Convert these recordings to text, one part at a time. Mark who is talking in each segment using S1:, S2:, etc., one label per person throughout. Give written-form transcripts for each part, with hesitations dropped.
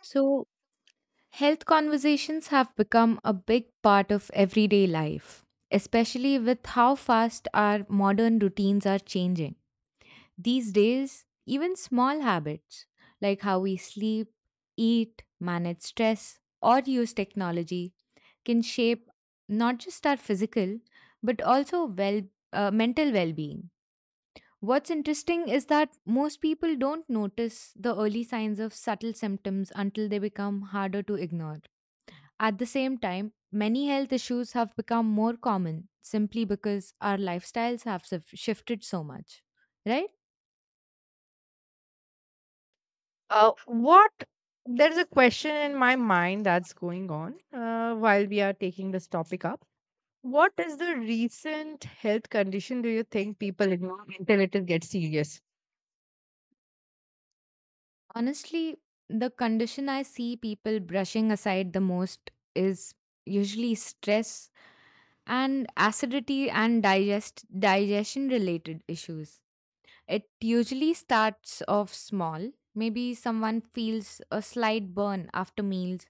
S1: So, health conversations have become a big part of everyday life, especially with how fast our modern routines are changing. These days, even small habits like how we sleep, eat, manage stress, or use technology can shape not just our physical but also mental well-being. What's interesting is that most people don't notice the early signs of subtle symptoms until they become harder to ignore. At the same time, many health issues have become more common simply because our lifestyles have shifted so much, right?
S2: What there's a question in my mind that's going on while we are taking this topic up. What is the recent health condition do you think people ignore until it gets serious?
S1: Honestly, the condition I see people brushing aside the most is usually stress and acidity and digestion related issues. It usually starts off small. Maybe someone feels a slight burn after meals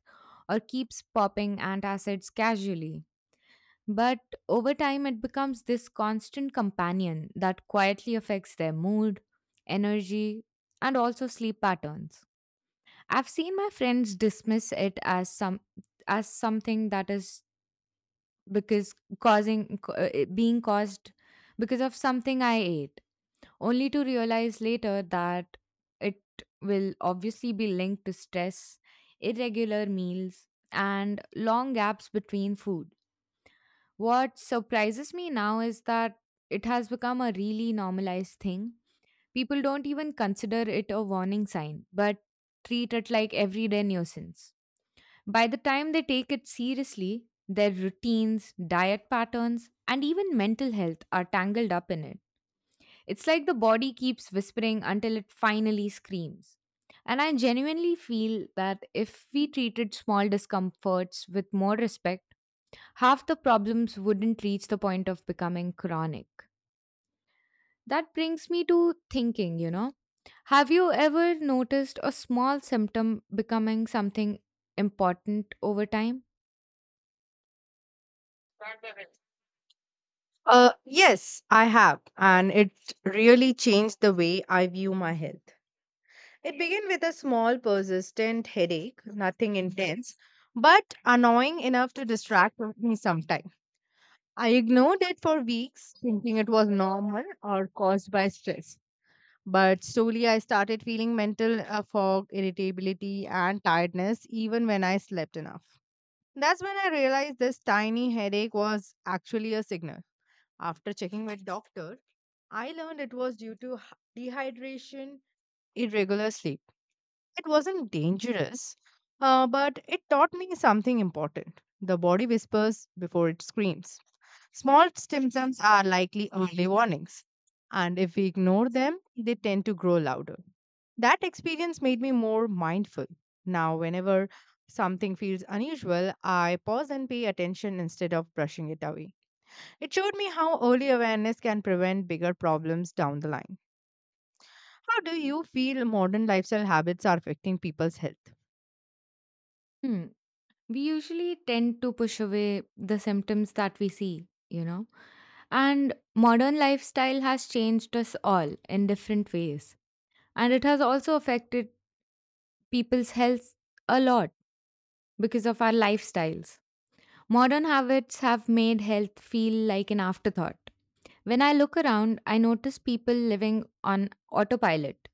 S1: or keeps popping antacids casually. But over time, it becomes this constant companion that quietly affects their mood, energy, and also sleep patterns. I've seen my friends dismiss it as something that is it being caused because of something I ate, only to realize later that it will obviously be linked to stress, irregular meals, and long gaps between food. What surprises me now is that it has become a really normalized thing. People don't even consider it a warning sign, but treat it like everyday nuisance. By the time they take it seriously, their routines, diet patterns, and even mental health are tangled up in it. It's like the body keeps whispering until it finally screams. And I genuinely feel that if we treated small discomforts with more respect, half the problems wouldn't reach the point of becoming chronic. That brings me to thinking, you know. Have you ever noticed a small symptom becoming something important over time?
S2: Yes, I have, and it really changed the way I view my health. It began with a small, persistent headache, nothing intense, but annoying enough to distract me sometimes. I ignored it for weeks, thinking it was normal or caused by stress. But slowly, I started feeling mental fog, irritability, and tiredness even when I slept enough. That's when I realized this tiny headache was actually a signal. After checking with doctor, I learned it was due to dehydration, irregular sleep. It wasn't dangerous, but it taught me something important. The body whispers before it screams. Small symptoms are likely early warnings, and if we ignore them, they tend to grow louder. That experience made me more mindful. Now, whenever something feels unusual, I pause and pay attention instead of brushing it away. It showed me how early awareness can prevent bigger problems down the line. How do you feel modern lifestyle habits are affecting people's health?
S1: Hmm. We usually tend to push away the symptoms that we see, you know. And modern lifestyle has changed us all in different ways. And it has also affected people's health a lot because of our lifestyles. Modern habits have made health feel like an afterthought. When I look around, I notice people living on autopilot,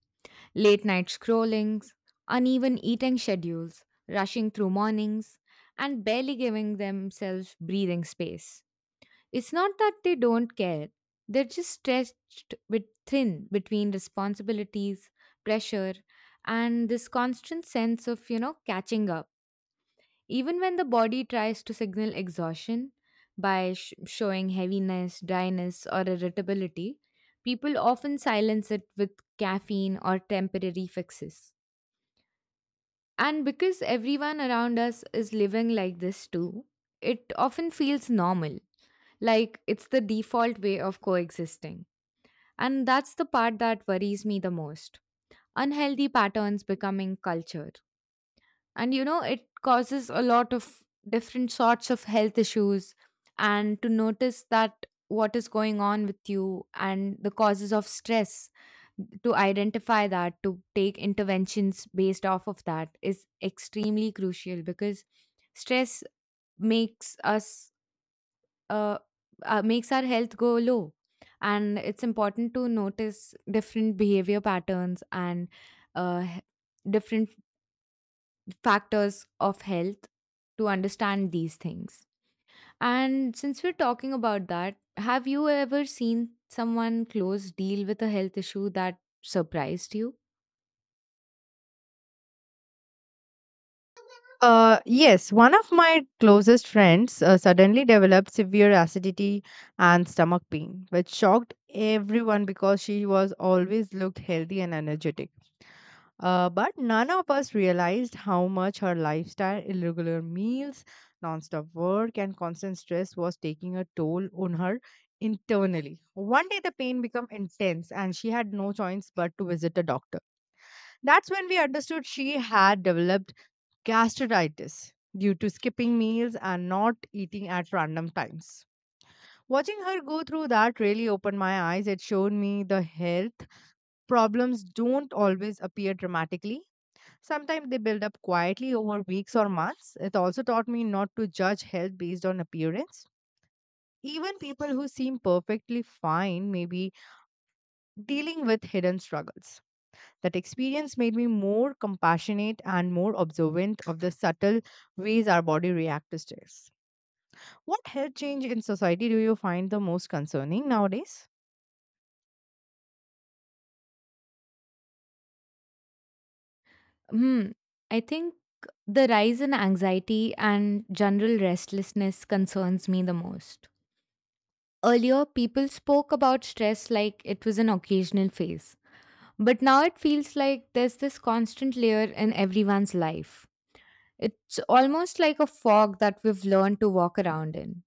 S1: late night scrollings, uneven eating schedules, rushing through mornings, and barely giving themselves breathing space. It's not that they don't care, they're just stretched bit thin between responsibilities, pressure, and this constant sense of, catching up. Even when the body tries to signal exhaustion by showing heaviness, dryness, or irritability, people often silence it with caffeine or temporary fixes. And because everyone around us is living like this too, it often feels normal, like it's the default way of coexisting. And that's the part that worries me the most, unhealthy patterns becoming culture, and you know it causes a lot of different sorts of health issues and to notice that what is going on with you and the causes of stress, to identify that, to take interventions based off of that is extremely crucial because stress makes us uh, makes our health go low, and it's important to notice different behavior patterns and uh, different factors of health to understand these things. And since we're talking about that, have you ever seen someone close deal with a health issue that surprised you?
S2: Yes, one of my closest friends suddenly developed severe acidity and stomach pain, which shocked everyone because she was always looked healthy and energetic. But none of us realized how much her lifestyle, irregular meals, nonstop work, and constant stress was taking a toll on her internally. One day, the pain became intense, and she had no choice but to visit a doctor. That's when we understood she had developed gastritis due to skipping meals and not eating at random times. Watching her go through that really opened my eyes. It showed me the health problems don't always appear dramatically. Sometimes they build up quietly over weeks or months. It also taught me not to judge health based on appearance. Even people who seem perfectly fine may be dealing with hidden struggles. That experience made me more compassionate and more observant of the subtle ways our body reacts to stress. What health change in society do you find the most concerning nowadays?
S1: Hmm. I think the rise in anxiety and general restlessness concerns me the most. Earlier, people spoke about stress like it was an occasional phase. But now it feels like there's this constant layer in everyone's life. It's almost like a fog that we've learned to walk around in.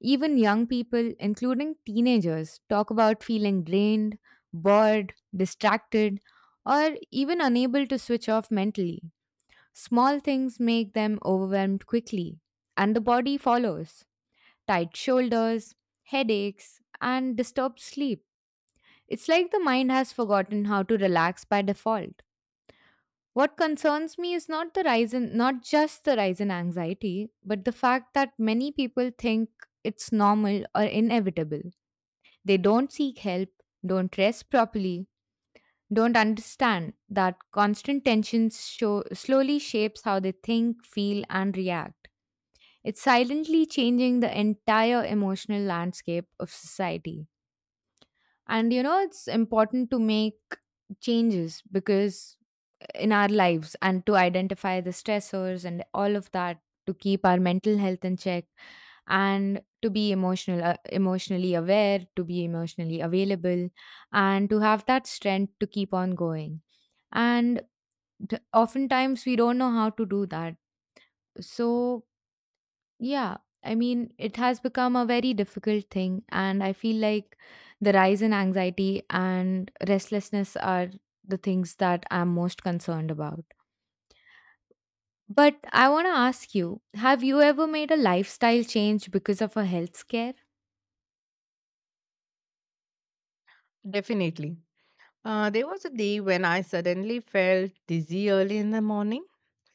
S1: Even young people, including teenagers, talk about feeling drained, bored, distracted, or even unable to switch off mentally. Small things make them overwhelmed quickly, and the body follows tight shoulders, headaches, and disturbed sleep. It's like the mind has forgotten how to relax by default. What concerns me is not just the rise in anxiety, but the fact that many people think it's normal or inevitable. They don't seek help, don't rest properly, don't understand that constant slowly shapes how they think, feel, and react. It's silently changing the entire emotional landscape of society, and you know it's important to make changes because in our lives, and to identify the stressors and all of that, to keep our mental health in check, and to be emotionally aware, to be emotionally available, and to have that strength to keep on going, and oftentimes we don't know how to do that. So yeah, I mean, it has become a very difficult thing, and I feel like the rise in anxiety and restlessness are the things that I'm most concerned about. But I want to ask you, have you ever made a lifestyle change because of a health scare?
S2: Definitely. There was a day when I suddenly felt dizzy early in the morning,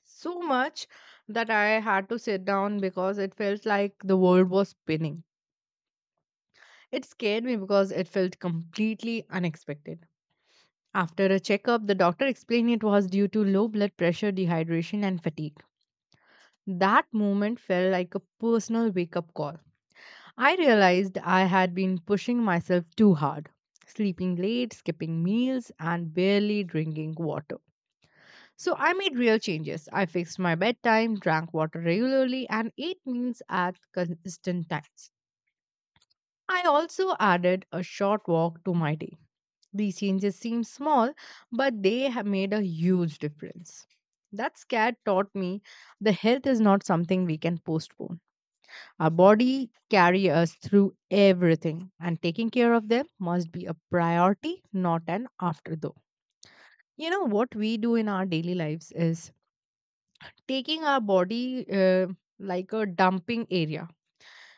S2: so much that I had to sit down because it felt like the world was spinning. It scared me because it felt completely unexpected. After a checkup, the doctor explained it was due to low blood pressure, dehydration, and fatigue. That moment felt like a personal wake up call. I realized I had been pushing myself too hard, sleeping late, skipping meals, and barely drinking water. So I made real changes. I fixed my bedtime, drank water regularly, and ate meals at consistent times. I also added a short walk to my day. These changes seem small, but they have made a huge difference. That scare taught me the health is not something we can postpone. Our body carry us through everything, and taking care of them must be a priority, not an afterthought. You know what we do in our daily lives is taking our body like a dumping area.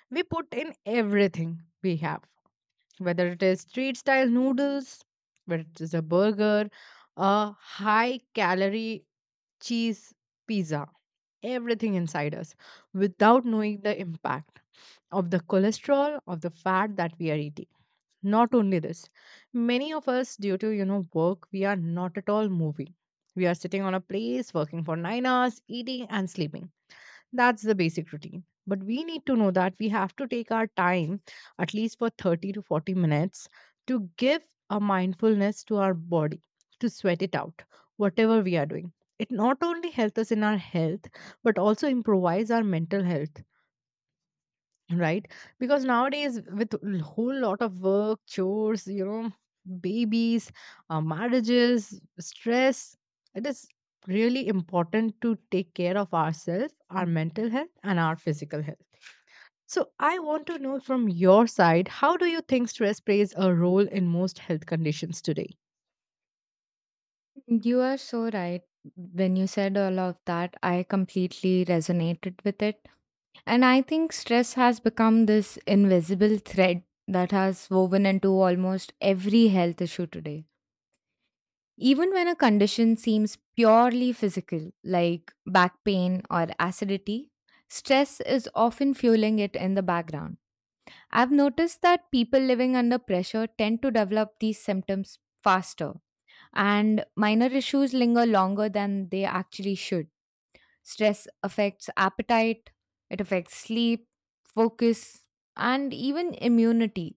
S2: We put in everything we have, whether it is street style noodles, whether it is a burger, a high calorie cheese pizza, everything inside us without knowing the impact of the cholesterol, of the fat that we are eating. Not only this, many of us, due to you know work, we are not at all moving. We are sitting on a place, working for 9 hours, eating and sleeping, that's the basic routine. But we need to know that we have to take our time, at least for 30 to 40 minutes, to give a mindfulness to our body, to sweat it out, whatever we are doing. It not only helps us in our health, but also improves our mental health, right? Because nowadays with a whole lot of work, chores, you know, babies, marriages, stress, it is really important to take care of ourselves, our mental health and our physical health. So I want to know from your side, how do you think stress plays a role in most health conditions today?
S1: You are so right. When you said all of that, I completely resonated with it. And I think stress has become this invisible thread that has woven into almost every health issue today. Even when a condition seems purely physical, like back pain or acidity, stress is often fueling it in the background. I've noticed that people living under pressure tend to develop these symptoms faster, and minor issues linger longer than they actually should. Stress affects appetite, it affects sleep, focus, and even immunity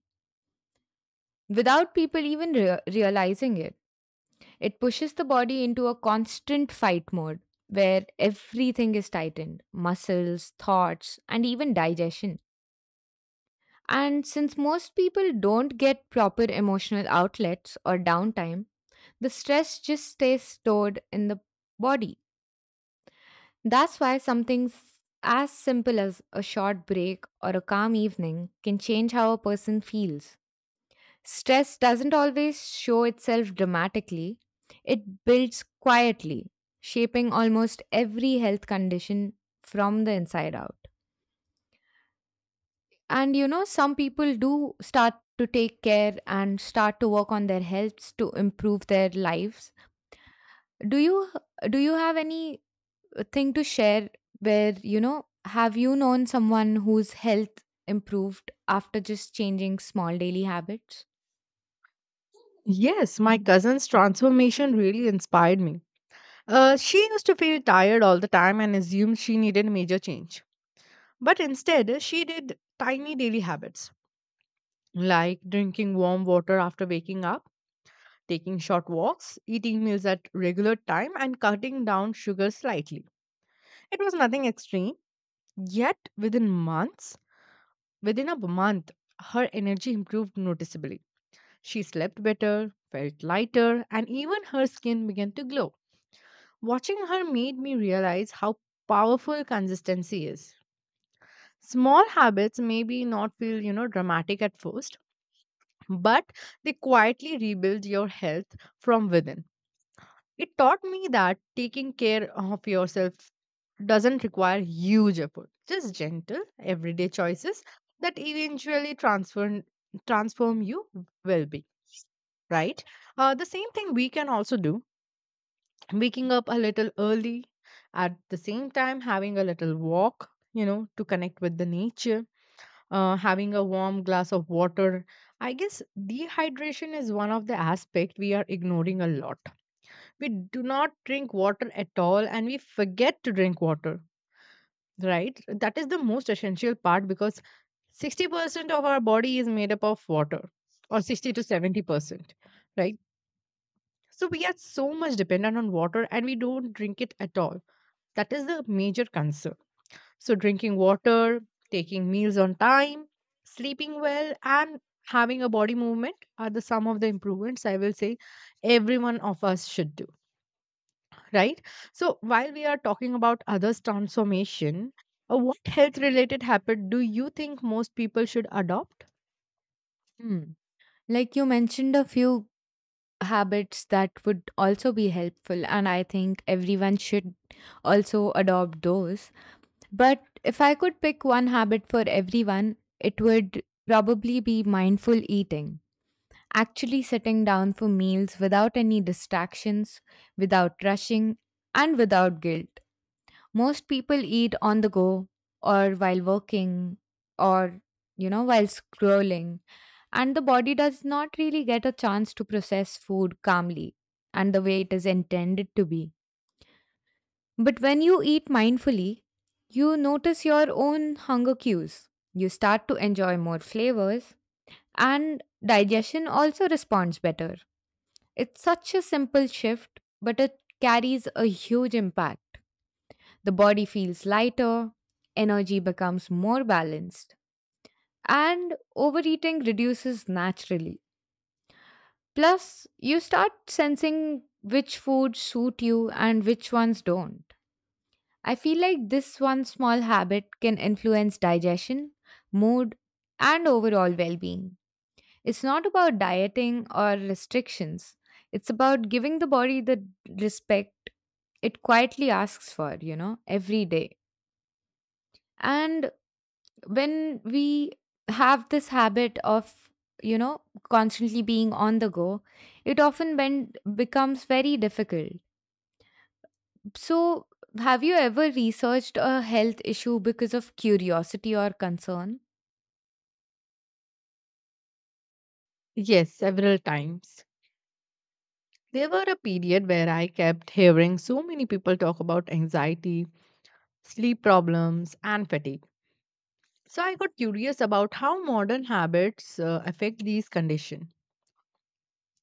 S1: without people even realizing it. It pushes the body into a constant fight mode where everything is tightened, muscles, thoughts, and even digestion. And since most people don't get proper emotional outlets or downtime, the stress just stays stored in the body. That's why something as simple as a short break or a calm evening can change how a person feels. Stress doesn't always show itself dramatically, it builds quietly, shaping almost every health condition from the inside out. And you know, some people do start to take care and start to work on their healths to improve their lives. Do you do you have any thing to share where, you know, have you known someone whose health improved after just changing small daily habits?
S2: Yes, my cousin's transformation really inspired me. She used to feel tired all the time and assumed she needed major change. But instead, she did tiny daily habits like drinking warm water after waking up, taking short walks, eating meals at regular time, and cutting down sugar slightly. It was nothing extreme, yet within a month, her energy improved noticeably. She slept better, felt lighter, and even her skin began to glow. Watching her made me realize how powerful consistency is. Small habits maybe not feel, you know, dramatic at first, but they quietly rebuild your health from within. It taught me that taking care of yourself doesn't require huge effort. Just gentle, everyday choices that eventually transform you well being, right? The same thing we can also do, waking up a little early, at the same time, having a little walk, you know, to connect with the nature, having a warm glass of water. I guess dehydration is one of the aspect we are ignoring a lot. We do not drink water at all and we forget to drink water, right? That is the most essential part because 60% of our body is made up of water, or 60 to 70%, right? So we are so much dependent on water and we don't drink it at all, that is the major concern. So, drinking water, taking meals on time, sleeping well, and having a body movement are the some of the improvements I will say every one of us should do, right? So, while we are talking about others' transformation, what health related habit do you think most people should adopt?
S1: Hmm. Like you mentioned a few habits that would also be helpful, and I think everyone should also adopt those. But if I could pick one habit for everyone, it would probably be mindful eating, actually sitting down for meals without any distractions, without rushing, and without guilt. Most people eat on the go or while working or, you know, while scrolling, and the body does not really get a chance to process food calmly and the way it is intended to be. But when you eat mindfully, you notice your own hunger cues. You start to enjoy more flavors, and digestion also responds better. It's such a simple shift, but it carries a huge impact. The body feels lighter, energy becomes more balanced, and overeating reduces naturally. Plus, you start sensing which foods suit you and which ones don't. I feel like this one small habit can influence digestion, mood, and overall well being. It's not about dieting or restrictions, it's about giving the body the respect it quietly asks for, every day. And when we have this habit of, you know, constantly being on the go, it often becomes very difficult. So have you ever researched a health issue because of curiosity or concern?
S2: Yes, several times. There were a period where I kept hearing so many people talk about anxiety, sleep problems, and fatigue. So I got curious about how modern habits affect these conditions.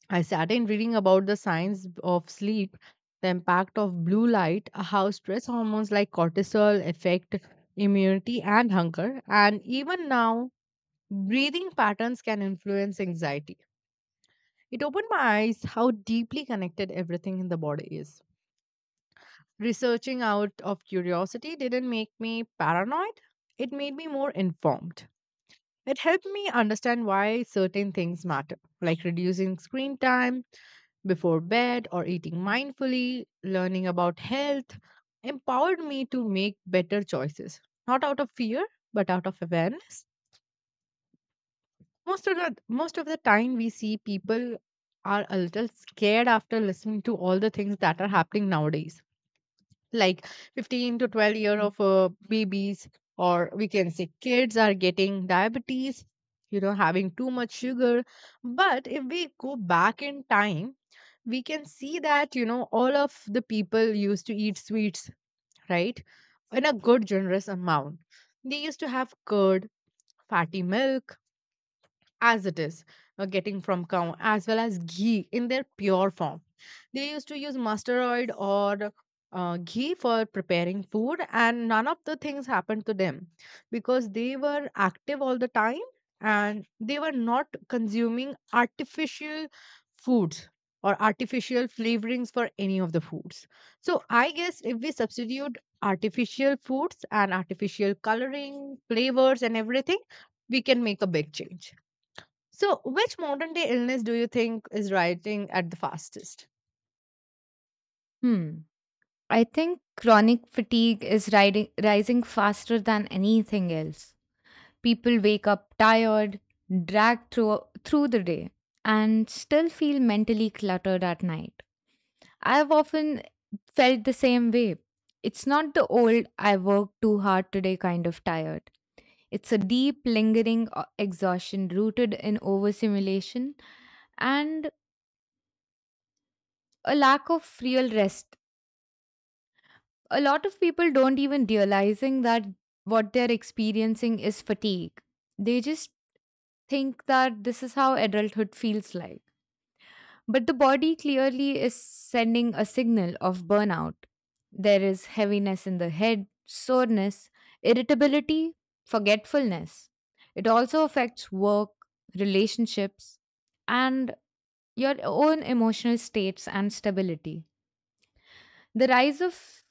S2: I sat in reading about the science of sleep, the impact of blue light, how stress hormones like cortisol affect immunity and hunger, and even now, breathing patterns can influence anxiety. It opened my eyes how deeply connected everything in the body is. Researching out of curiosity didn't make me paranoid, it made me more informed. It helped me understand why certain things matter, like reducing screen time before bed or eating mindfully. Learning about health empowered me to make better choices, not out of fear, but out of awareness. Most of the time we see people are a little scared after listening to all the things that are happening nowadays, like 15 to 12 year of babies, or we can say kids are getting diabetes, you know, having too much sugar. But if we go back in time, we can see that, you know, all of the people used to eat sweets, right, in a good generous amount. They used to have curd, fatty milk, as it is, getting from cow, as well as ghee in their pure form. They used to use mustard oil or ghee for preparing food, and none of the things happened to them because they were active all the time, and they were not consuming artificial foods or artificial flavorings for any of the foods. So I guess if we substitute artificial foods and artificial coloring flavors and everything, we can make a big change. So, which modern day illness do you think is rising at the fastest?
S1: Hmm. I think chronic fatigue is rising faster than anything else. People wake up tired, dragged through the day, and still feel mentally cluttered at night. I've often felt the same way. It's not the old, I worked too hard today, kind of tired. It's a deep, lingering exhaustion rooted in overstimulation and a lack of real rest. A lot of people don't even realizing that what they're experiencing is fatigue. They just think that this is how adulthood feels like. But the body clearly is sending a signal of burnout. There is heaviness in the head, soreness, irritability, forgetfulness. It also affects work, relationships, and your own emotional states and stability. The rise of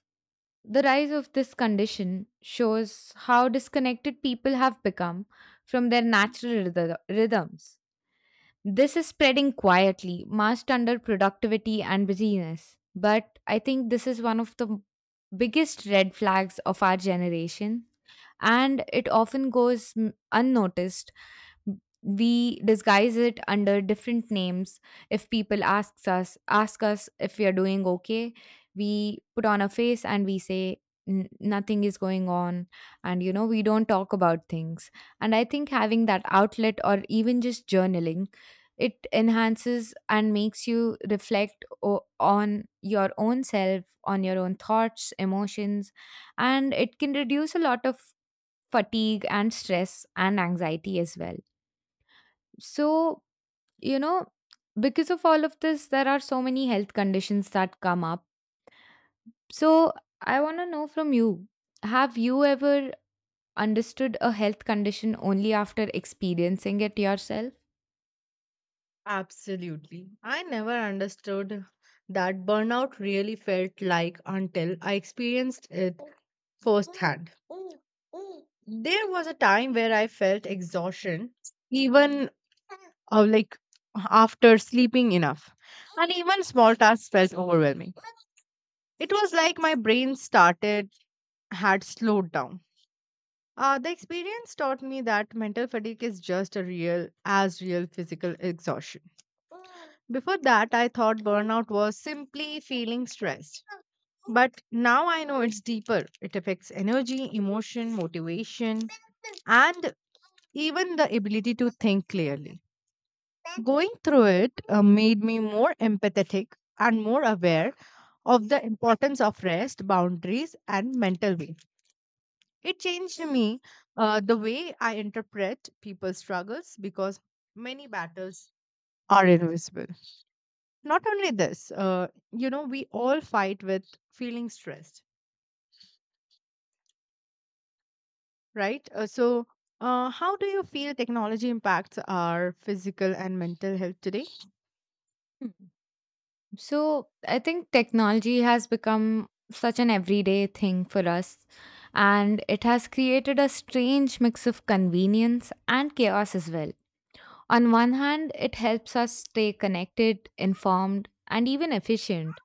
S1: the rise of this condition shows how disconnected people have become from their natural rhythms. This is spreading quietly, masked under productivity and busyness. But I think this is one of the biggest red flags of our generation, and it often goes unnoticed. We disguise it under different names. If people ask us if we are doing okay, we put on a face and we say, Nothing is going on," and you know we don't talk about things. And I think having that outlet or even just journaling, it enhances and makes you reflect on your own self, on your own thoughts, emotions, and it can reduce a lot of fatigue and stress and anxiety as well. So, you know, because of all of this, there are so many health conditions that come up. So, I want to know from you, have you ever understood a health condition only after experiencing it yourself?
S2: Absolutely. I never understood that burnout really felt like until I experienced it firsthand. There was a time where I felt exhaustion, even like after sleeping enough, and even small tasks felt overwhelming. It was like my brain started had slowed down. The experience taught me that mental fatigue is just a real as real physical exhaustion. Before that, I thought burnout was simply feeling stressed. But now I know it's deeper. It affects energy, emotion, motivation, and even the ability to think clearly. Going through it made me more empathetic and more aware of the importance of rest, boundaries, and mental well. It changed me, the way I interpret people's struggles, because many battles are invisible. Not only this, you know, we all fight with feeling stressed, right? So how do you feel technology impacts our physical and mental health today?
S1: Hmm. So, I think technology has become such an everyday thing for us, and it has created a strange mix of convenience and chaos as well. On one hand, it helps us stay connected, informed, and even efficient.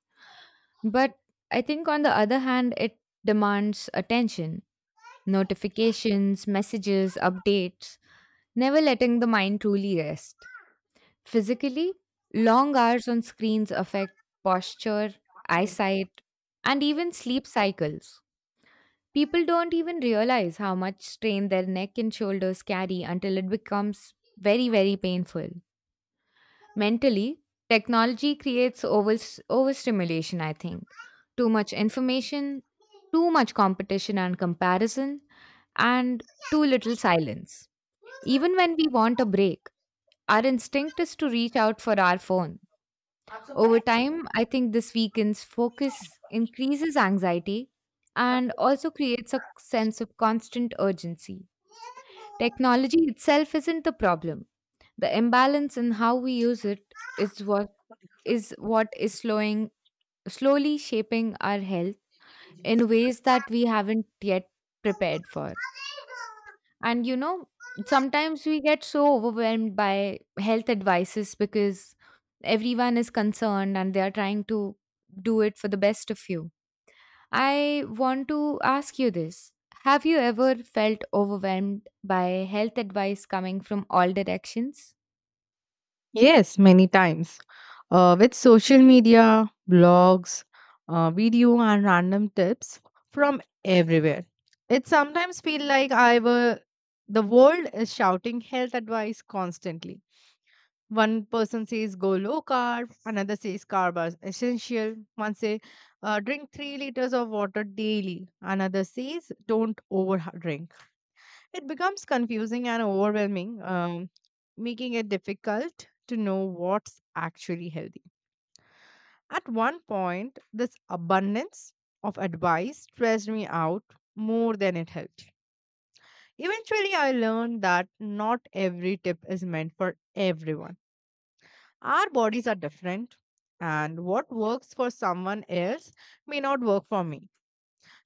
S1: But I think, on the other hand, it demands attention, notifications, messages, updates, never letting the mind truly rest. Physically, long hours on screens affect posture, eyesight, and even sleep cycles. People don't even realize how much strain their neck and shoulders carry until it becomes very, very painful. Mentally, technology creates overstimulation, I think. Too much information, too much competition and comparison, and too little silence. Even when we want a break, our instinct is to reach out for our phone. Over time, I think this weakens focus, increases anxiety, and also creates a sense of constant urgency. Technology itself isn't the problem. The imbalance in how we use it is what is slowing slowly shaping our health in ways that we haven't yet prepared for. And you know, sometimes we get so overwhelmed by health advices because everyone is concerned and they are trying to do it for the best of you. I want to ask you this. Have you ever felt overwhelmed by health advice coming from all directions?
S2: Yes, many times. With social media, blogs, video, and random tips from everywhere. It sometimes feels like I were the world is shouting health advice constantly. One person says go low carb, another says carb is essential. One says drink 3 liters of water daily. Another says don't over drink. It becomes confusing and overwhelming, making it difficult to know what's actually healthy. At one point, this abundance of advice stressed me out more than it helped. Eventually, I learned that not every tip is meant for everyone. Our bodies are different, and what works for someone else may not work for me.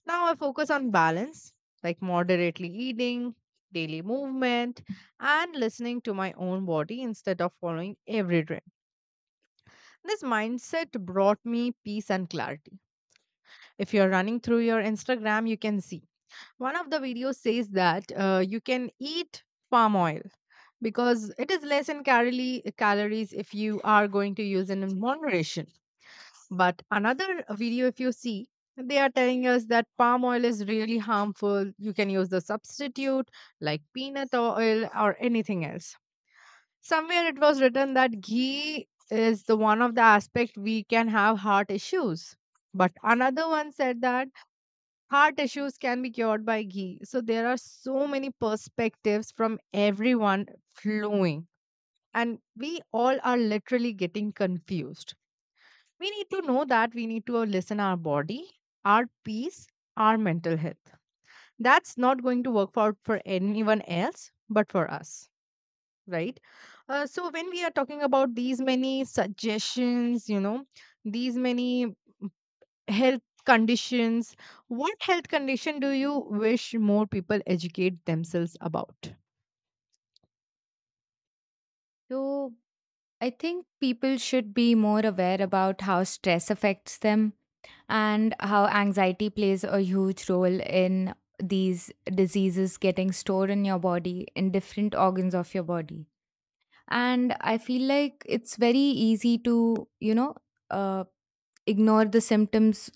S2: Now I focus on balance, like moderately eating, daily movement, and listening to my own body instead of following every trend. This mindset brought me peace and clarity. If you're running through your Instagram, you can see one of the videos says that you can eat palm oil because it is less in calories, if you are going to use it in moderation. But another video, if you see, they are telling us that palm oil is really harmful. You can use the substitute like peanut oil or anything else. Somewhere it was written that ghee is the one of the aspect we can have heart issues. But another one said that heart issues can be cured by ghee. So there are so many perspectives from everyone flowing. And we all are literally getting confused. We need to know that we need to listen our body, our peace, our mental health. That's not going to work out for anyone else, but for us, right? So when we are talking about these many suggestions, you know, these many health conditions, what health condition do you wish more people educate themselves about?
S1: So, I think people should be more aware about how stress affects them and how anxiety plays a huge role in these diseases getting stored in your body, in different organs of your body. And I feel like it's very easy to, uh, ignore the symptoms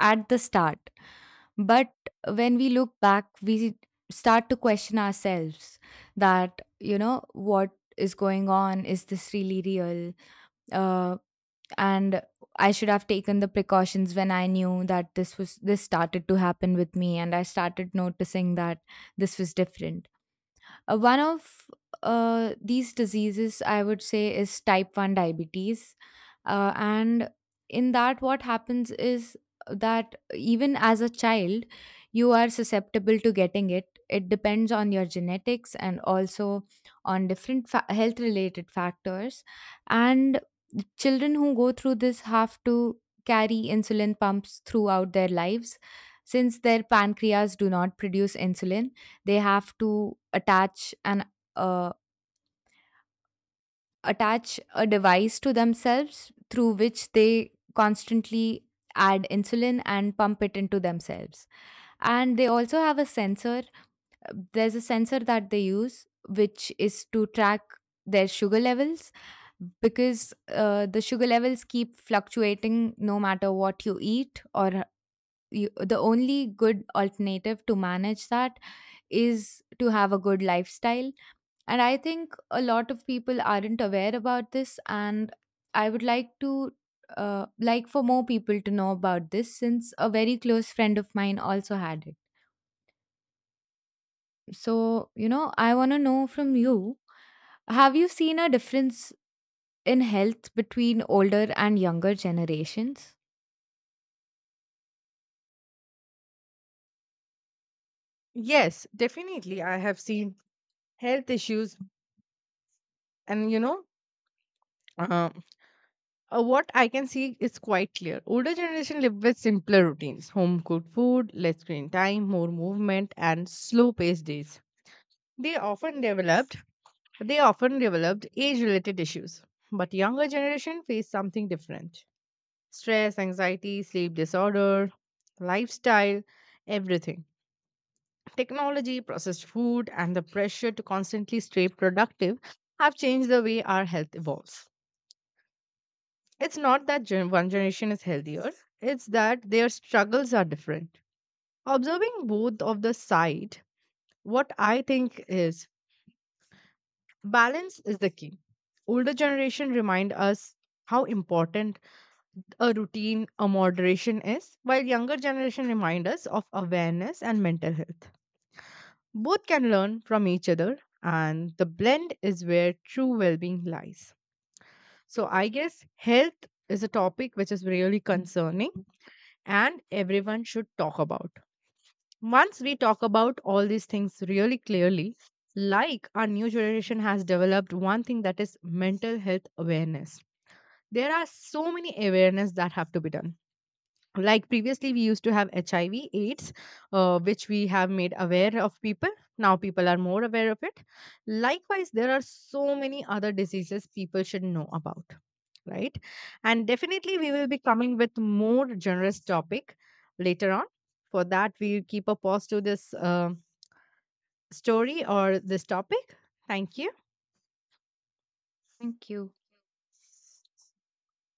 S1: at the start. But when we look back, we start to question ourselves that, you know, what is going on? Is this really real? Uh, and I should have taken the precautions when I knew that this started to happen with me, and I started noticing that this was different. One of These diseases, I would say, is type 1 diabetes. And in that, what happens is that even as a child, you are susceptible to getting it. It depends on your genetics and also on different health related factors. And children who go through this have to carry insulin pumps throughout their lives since their pancreas do not produce insulin. They have to uh, attach a device to themselves through which they constantly add insulin and pump it into themselves, and they also have a sensor, there's a sensor that they use which is to track their sugar levels, because the sugar levels keep fluctuating no matter what you eat. The only good alternative to manage that is to have a good lifestyle. And I think a lot of people aren't aware about this. And I would like to, like for more people to know about this since a very close friend of mine also had it. So, you know, I want to know from you, have you seen a difference in health between older and younger generations?
S2: Yes, definitely. I have seen health issues, and, you know, uh, what I can see is quite clear. Older generation live with simpler routines, home cooked food, less screen time, more movement, and slow paced days. They often developed age related issues, but younger generation face something different: stress, anxiety, sleep disorder, lifestyle, everything. Technology, processed food, and the pressure to constantly stay productive have changed the way our health evolves. It's not that one generation is healthier, it's that their struggles are different. Observing both of the side, what I think is balance is the key. Older generation remind us how important a routine, a moderation is, while younger generation remind us of awareness and mental health. Both can learn from each other and the blend is where true well-being lies. So I guess health is a topic which is really concerning and everyone should talk about. Once we talk about all these things really clearly, like our new generation has developed one thing, that is mental health awareness. There are so many awareness that have to be done, like previously we used to have HIV AIDS, which we have made aware of people. Now people are more aware of it. Likewise there are so many other diseases people should know about, right? And definitely we will be coming with more generous topic later on. For that we keep a pause to this story or this topic. Thank you.
S1: Thank you.